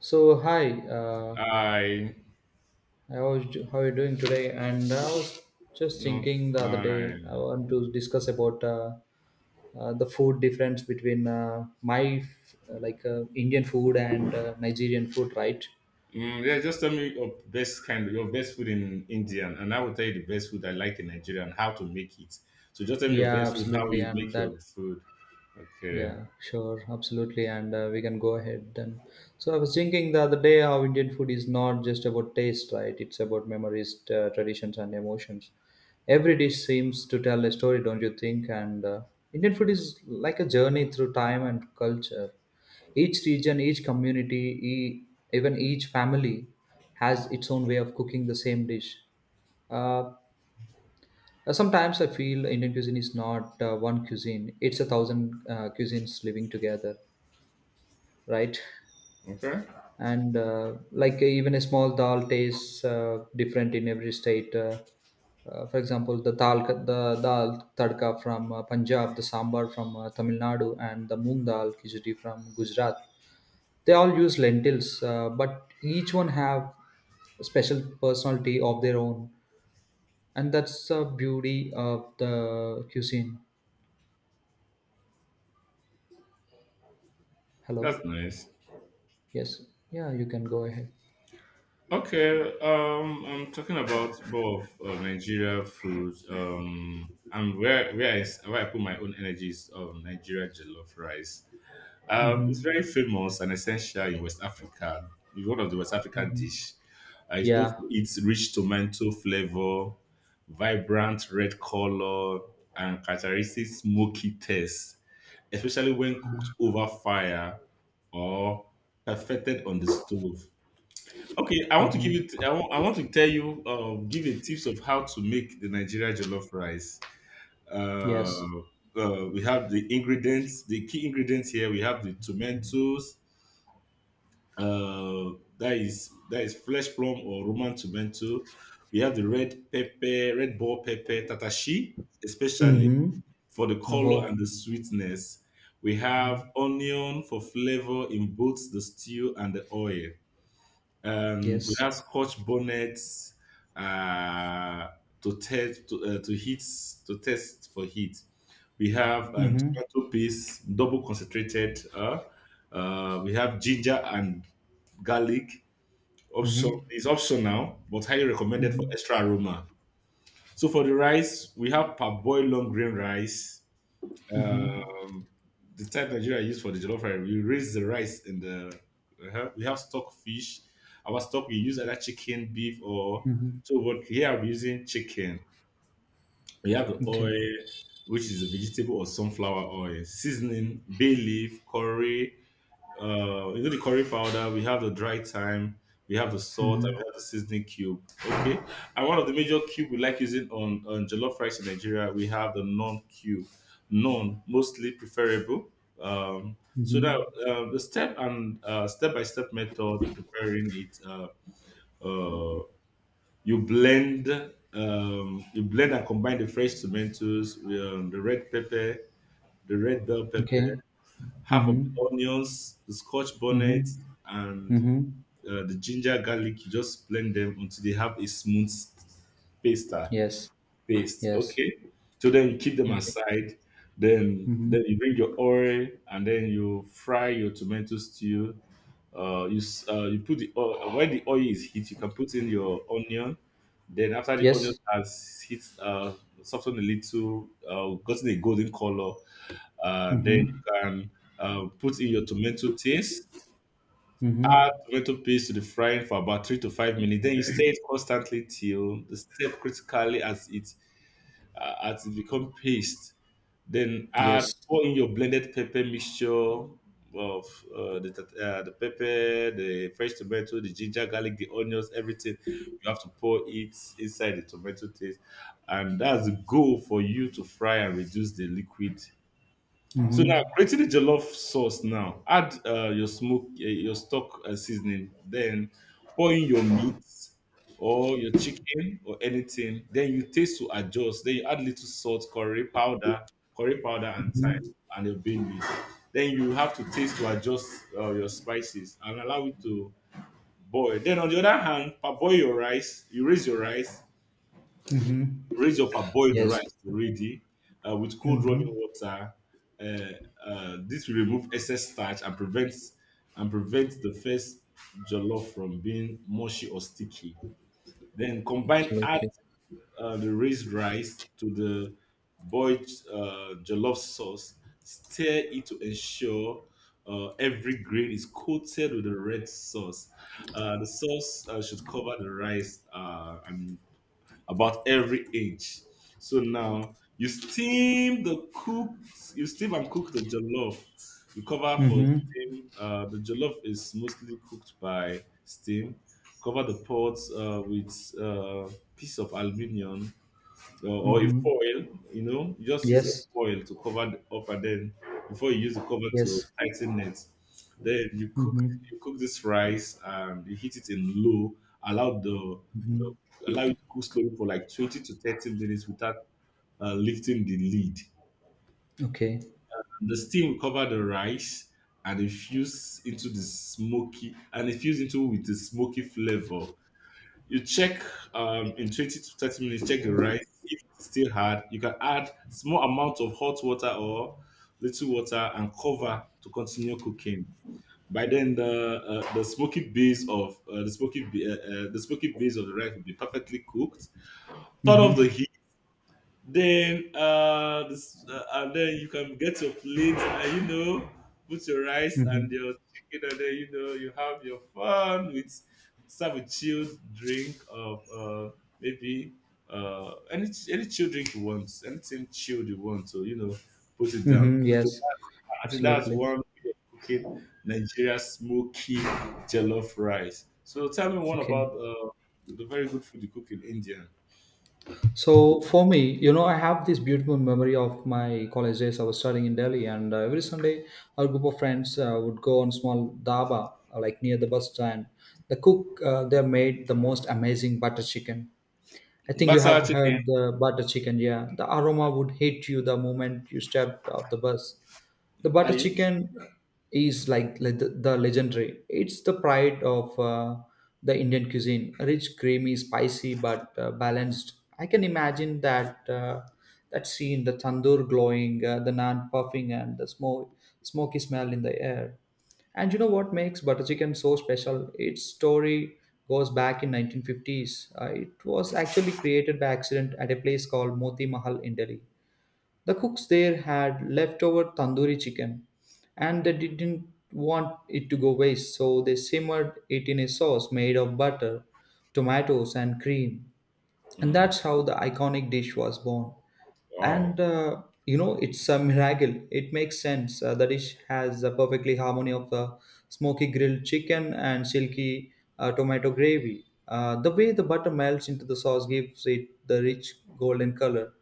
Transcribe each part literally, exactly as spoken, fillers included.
So hi, uh, I I was how are you doing today? And I was just not thinking the other day I fine. want to discuss about uh, uh, the food difference between uh, my f- like uh, Indian food and uh, Nigerian food, right? Mm, yeah, just tell me your best kind, your best food in Indian, and I will tell you the best food I like in Nigeria and how to make it. So just tell me your Yeah, best food, how absolutely. you And make that your food. Okay, Yeah, sure, absolutely, and uh, we can go ahead then. So I was thinking the other day how Indian food is not just about taste, right? It's about memories, uh, traditions, and emotions. Every dish seems to tell a story, don't you think? And uh, Indian food is like a journey through time and culture. Each region, each community, e- even each family has its own way of cooking the same dish. Uh, uh, Sometimes I feel Indian cuisine is not uh, one cuisine; it's a thousand uh, cuisines living together, right? okay, And uh, like uh, even a small dal tastes uh, different in every state. Uh, uh, for example, the dal, the dal tadka from uh, Punjab, the sambar from uh, Tamil Nadu, and the moong dal khichdi from Gujarat. They all use lentils, uh, but each one have a special personality of their own, and that's the beauty of the cuisine. that's Hello. nice. Yes. Yeah, you can go ahead. Okay, um, I'm talking about both uh, Nigeria food. Um, and where where I s- where I put my own energies of Nigeria jollof rice. Um, it's very Mm-hmm. famous and essential in West Africa. It's one of the West African dish. Uh, it's known Yeah. for its rich tomato flavor, vibrant red color, and characteristic smoky taste, especially when cooked over fire or perfected on the stove. Okay, I want to give Mm-hmm. you. I want, I want to tell you. Uh, give a tips of how to make the Nigeria jollof rice. Yes. Uh, uh, we have the ingredients. The key ingredients here. We have the tomatoes, uh, that is that is flesh plum or Roman tomato. We have the red pepper, red ball pepper, tatashi, especially Mm-hmm. for the color Oh. and the sweetness. We have onion for flavor in both the stew and the oil. Um, we Yes. have scotch bonnets uh, to test to, uh, to heat to test for heat. We have um, Mm-hmm. tomato paste, double concentrated. Uh, uh, we have ginger and garlic. Option Mm-hmm. is optional, but highly recommended for Mm-hmm. extra aroma. So for the rice, we have parboiled long grain rice. Um, the type Nigeria use for the jollof rice, we raise the rice in the. uh We have stock fish. Our stock we use either chicken, beef, or Mm-hmm. so. But here I'm using chicken. We have the Okay. oil, which is a vegetable or sunflower oil, seasoning, bay leaf, curry uh, is it the curry powder? We have the dry thyme, we have the salt, and Mm-hmm. we have the seasoning cube. Okay, and one of the major cube we like using on on jollof rice in Nigeria, we have the non cube, non mostly preferable. Um, so that Mm-hmm. uh, the step and uh, step by step method preparing it, uh, uh, you blend. Um, you blend and combine the fresh tomatoes, um, the red pepper, the red bell pepper, Okay. half of Mm-hmm. the onions, the scotch bonnet, Mm-hmm. and Mm-hmm. uh, the ginger garlic. You just blend them until they have a smooth pasta Yes. paste. Yes. Okay. So then you keep them Okay. aside. Then Mm-hmm. then you bring your oil and then you fry your tomato stew. Uh, you s- uh, you put the oil, when the oil is heat, you can put in your onion. Then after the onion Yes. has hit uh, softened a little, uh, gotten a golden color, uh, then you Mm-hmm. can uh, put in your tomato taste, Mm-hmm. tomato paste to the frying for about three to five minutes. Then you stir it constantly till the step critically as it uh, as it become paste. Then add Yes. pour in your blended pepper mixture of uh, the tat- uh, the pepper, the fresh tomato, the ginger, garlic, the onions, everything. You have to pour it inside the tomato taste, and that's the goal for you to fry and reduce the liquid so Mm-hmm. now creating the jollof sauce. Now add uh, your smoke, uh, your stock uh, seasoning. Then pour in your meat or your chicken or anything. Then you taste to adjust. Then you add little salt, curry powder, curry powder and thyme and your bean. Then you have to taste to adjust uh, your spices and allow it to boil. Then on the other hand, parboil your rice. You raise your rice. Raise up a boiled Yes. rice ready uh, with cold running water. Uh, uh, this will remove excess starch and prevents and prevents the first jollof from being mushy or sticky. Then combine add Absolutely. uh, the raised rice to the boiled uh, jollof sauce. Stir it to ensure uh, every grain is coated with the red sauce. Uh, the sauce uh, should cover the rice uh, and about every inch. So now you steam the cook, you steam and cook the jollof. You cover for Mm-hmm. steam. Uh, the jollof is mostly cooked by steam. Cover the pot uh, with uh, piece of aluminium or, or a Mm-hmm. foil, you know, you just use a Yes. foil to cover the- up and then before you use the cover to Yes. tighten it. Then you cook Mm-hmm. you cook this rice and you heat it in low, allow the, Mm-hmm. the allow it to cook slowly for like twenty to thirty minutes without uh, lifting the lid. Okay. The steam will cover the rice and infuse into the smoky and infuse into with the smoky flavor. You check um, in twenty to thirty minutes, check the rice. If it's still hard, you can add small amount of hot water or little water and cover to continue cooking. By then, the uh, the smoky base of uh, the smoky ba- uh, uh, the smoky base of the rice will be perfectly cooked. Turn off Mm-hmm. the heat then uh, this, uh and then you can get your plate and you know put your rice and Mm-hmm. your chicken and then you know you have your fun with serve a chilled drink of uh maybe uh any any chilled drink you want, anything chilled you want, so you know, put it down. Mm-hmm. So Yes, I think that's absolutely. one way of cooking Nigeria smoky jollof rice. So tell me one Okay. about uh the very good food you cook in India. So for me, you know, I have this beautiful memory of my college days. I was studying in Delhi, and uh, every Sunday, our group of friends uh, would go on small dhaba, uh, like near the bus stand. The cook uh, there made the most amazing butter chicken. I think you Basa have chicken heard the butter chicken, yeah. The aroma would hit you the moment you stepped off the bus. The are butter you chicken is like le- the, the legendary. It's the pride of uh, the Indian cuisine. Rich, creamy, spicy, but uh, balanced. I can imagine that uh, that scene: the tandoor glowing, uh, the naan puffing, and the smoke, smoky smell in the air. And you know what makes butter chicken so special? Its story goes back in nineteen fifties. Uh, it was actually created by accident at a place called Moti Mahal in Delhi. The cooks there had leftover tandoori chicken and they didn't want it to go waste, so they simmered it in a sauce made of butter, tomatoes, and cream. And Mm. that's how the iconic dish was born. Wow. And uh, You know, it's a miracle. It makes sense. Uh, the dish has a perfectly harmony of the smoky grilled chicken and silky uh, tomato gravy. Uh, the way the butter melts into the sauce gives it the rich golden color,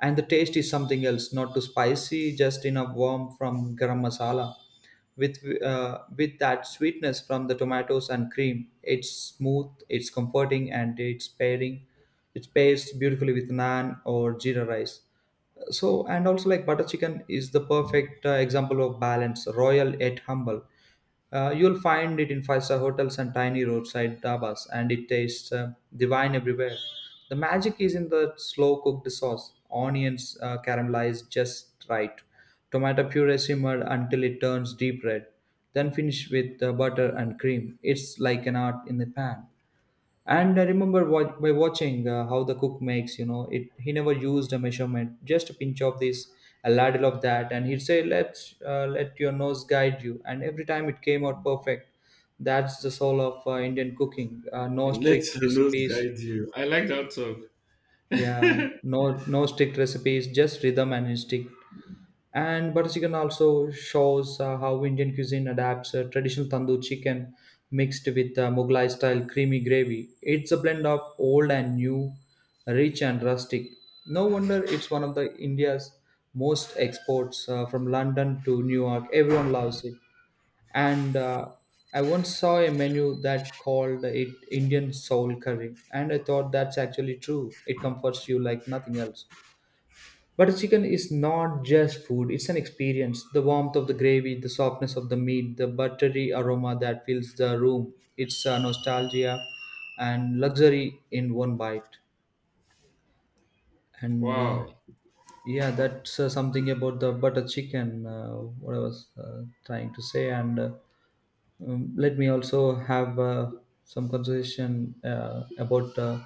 and the taste is something else, not too spicy, just enough warmth from garam masala with uh, with that sweetness from the tomatoes and cream. It's smooth, it's comforting, and it's pairing it pairs beautifully with naan or jeera rice. So, and also, like, butter chicken is the perfect uh, example of balance, royal yet humble. Uh, you'll find it in five-star hotels and tiny roadside dhabas, and it tastes uh, divine everywhere. The magic is in the slow-cooked sauce, onions uh, caramelized just right, tomato puree simmered until it turns deep red, then finish with uh, butter and cream. It's like an art in the pan. And I remember wa- by watching uh, how the cook makes, you know, it, he never used a measurement, just a pinch of this, a ladle of that, and he'd say, let uh, let your nose guide you. And every time it came out perfect. That's the soul of uh, Indian cooking, uh, no Let the strict nose recipes. guide you. I like that talk. Yeah, no no strict recipes, just rhythm and instinct. And butter chicken also shows uh, how Indian cuisine adapts uh, traditional tandoor chicken mixed with uh, Mughlai style creamy gravy. It's a blend of old and new, rich and rustic. No wonder it's one of the India's most exports, uh, from London to New York. Everyone loves it. And uh, I once saw a menu that called it Indian soul curry, and I thought that's actually true. It comforts you like nothing else. Butter chicken is not just food, it's an experience. The warmth of the gravy, the softness of the meat, the buttery aroma that fills the room. It's uh, nostalgia and luxury in one bite. And uh, Wow. yeah, that's uh, something about the butter chicken, uh, what I was uh, trying to say. And uh, um, let me also have uh, some conversation uh, about. Uh,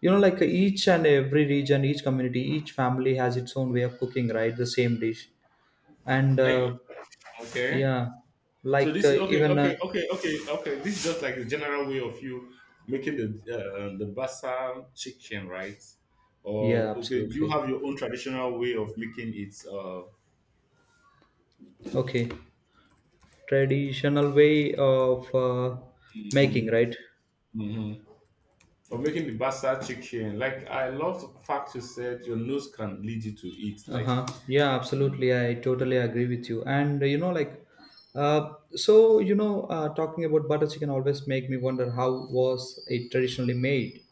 You know, like each and every region, each community, each family has its own way of cooking, right? The same dish. And I- uh, okay. yeah, So like this is uh, okay, even uh, okay, okay, okay, okay. This is just like the general way of you making the uh, the basal chicken, right? Or yeah, okay, do you absolutely. have your own traditional way of making it? Uh, okay, traditional way of uh, making, mm-hmm. right. Of making the basal chicken. Like I love the fact you said your nose can lead you to it. Like Uh-huh, yeah, absolutely, I totally agree with you. And uh, you know, like, uh, so you know, uh, talking about butter chicken always make me wonder how was it traditionally made,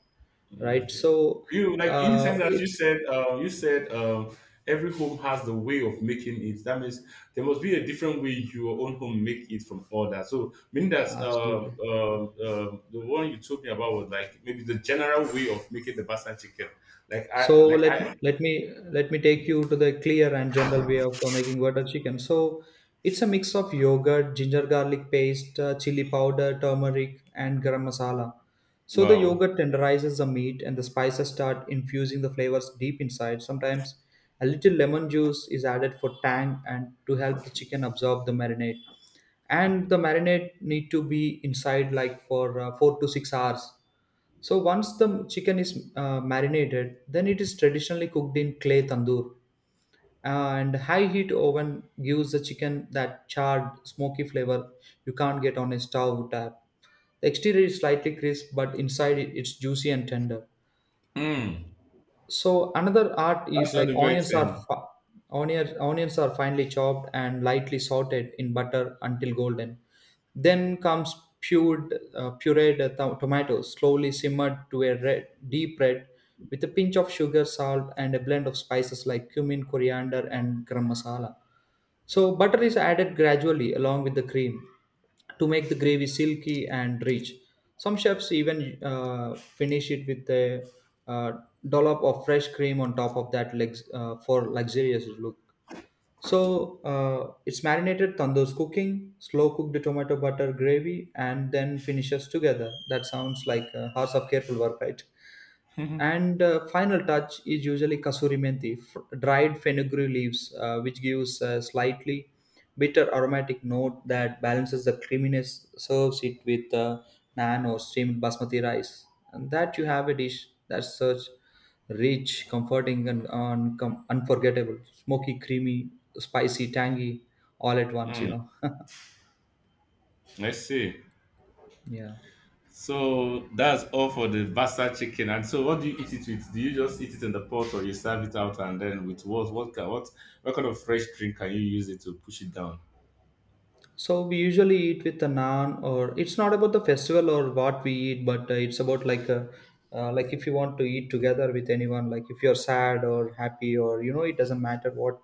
right? yeah. So You like in the uh, sense that you it's said, uh, you said uh, every home has the way of making it. That means there must be a different way your own home make it from others. So meaning that uh, absolutely. uh, uh, the one you told me about was like maybe the general way of making the bastard chicken. Like So I, like let me I. let me let me take you to the clear and general way of uh, making butter chicken. So it's a mix of yogurt, ginger garlic paste, uh, chili powder, turmeric, and garam masala. So the Wow. yogurt tenderizes the meat, and the spices start infusing the flavors deep inside. Sometimes a little lemon juice is added for tang and to help the chicken absorb the marinade. And the marinade need to be inside like for uh, four to six hours. So once the chicken is uh, marinated, then it is traditionally cooked in clay tandoor. And high heat oven gives the chicken that charred, smoky flavor you can't get on a stove tap. The exterior is slightly crisp, but inside it, it's juicy and tender. Mm. So another art That is sounds like onions are inviting. fa- onions, onions are finely chopped and lightly sautéed in butter until golden. Then comes pured, uh, pureed uh, to- tomatoes, slowly simmered to a red, deep red, with a pinch of sugar, salt, and a blend of spices like cumin, coriander, and garam masala. So, butter is added gradually along with the cream to make the gravy silky and rich. Some chefs even uh, finish it with a uh, dollop of fresh cream on top of that legs uh, for luxurious look. So uh, it's marinated tandoor's cooking, slow cooked tomato butter gravy, and then finishes together. That sounds like uh, hours of careful work, right? And uh, final touch is usually kasuri methi, f- dried fenugreek leaves, uh, which gives a slightly bitter aromatic note that balances the creaminess, serves it with uh, naan or steamed basmati rice, and that you have a dish that's such rich, comforting, and uncom unforgettable, smoky, creamy, spicy, tangy, all at once, you Mm. know. I see. Yeah. So that's all for the bastard chicken. And so, what do you eat it with? Do you just eat it in the pot, or you serve it out, and then with what? What kind? What? What kind of fresh drink can you use it to push it down? So we usually eat with a naan, or it's not about the festival or what we eat, but uh, it's about like a, uh, like if you want to eat together with anyone, like if you're sad or happy or, you know, it doesn't matter what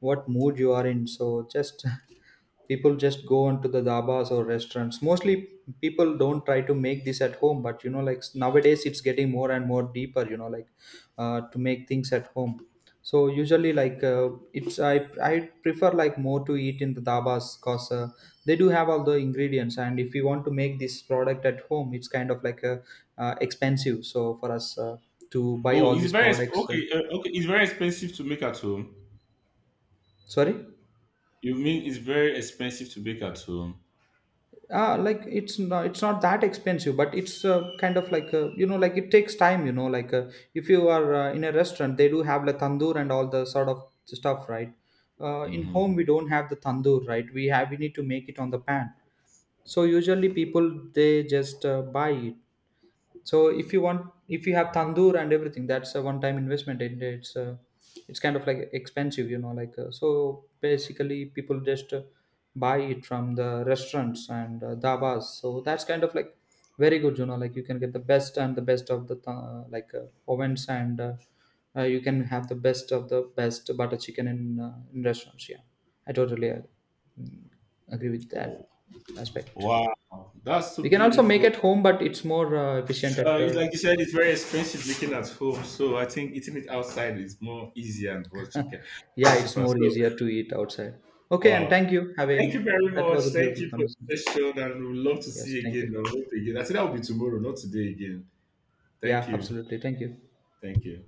what mood you are in. So just people just go onto the dabas or restaurants. Mostly people don't try to make this at home, but you know, like nowadays it's getting more and more deeper. You know, like, uh, to make things at home. So usually, like, uh, it's I I prefer like more to eat in the dabas because uh, they do have all the ingredients, and if you want to make this product at home, it's kind of like a, uh, expensive. So for us, uh, to buy Oh, all it's these very exp- products, uh, okay. Uh, okay, it's very expensive to make at home. sorry, You mean it's very expensive to make at home? ah, like, it's not it's not that expensive, but it's uh, kind of like, uh, you know, like it takes time. You know, like, uh, if you are uh, in a restaurant, they do have the tandoor and all the sort of stuff, right? Uh, in Hmm. home, we don't have the tandoor, right? We have we need to make it on the pan. So usually people they just uh, buy it. So if you want, if you have tandoor and everything, that's a one time investment, and it's uh, it's kind of like expensive, you know, like, uh, so basically people just uh, buy it from the restaurants and uh, dabas. So that's kind of like very good, you know, like you can get the best and the best of the ta- like uh, ovens, and uh, uh, you can have the best of the best butter chicken in uh, in restaurants. Yeah, I totally uh, mm, agree with that Oh, aspect. wow, that's so We can also make beautiful. at home, but it's more uh, efficient Uh, at. It's Uh, like you said, it's very expensive making at home. So I think eating it outside is more easier and more cheaper. yeah, it's Cheaper. more So easier to eat outside. Okay, and wow, thank you. Have thank you a very That much. was a Thank beautiful you for conversation. the session, and we'd love to see Yes, you thank again. you. I hope again. I said that will be tomorrow, not today again. Thank Yeah, you. absolutely. Thank you. Thank you.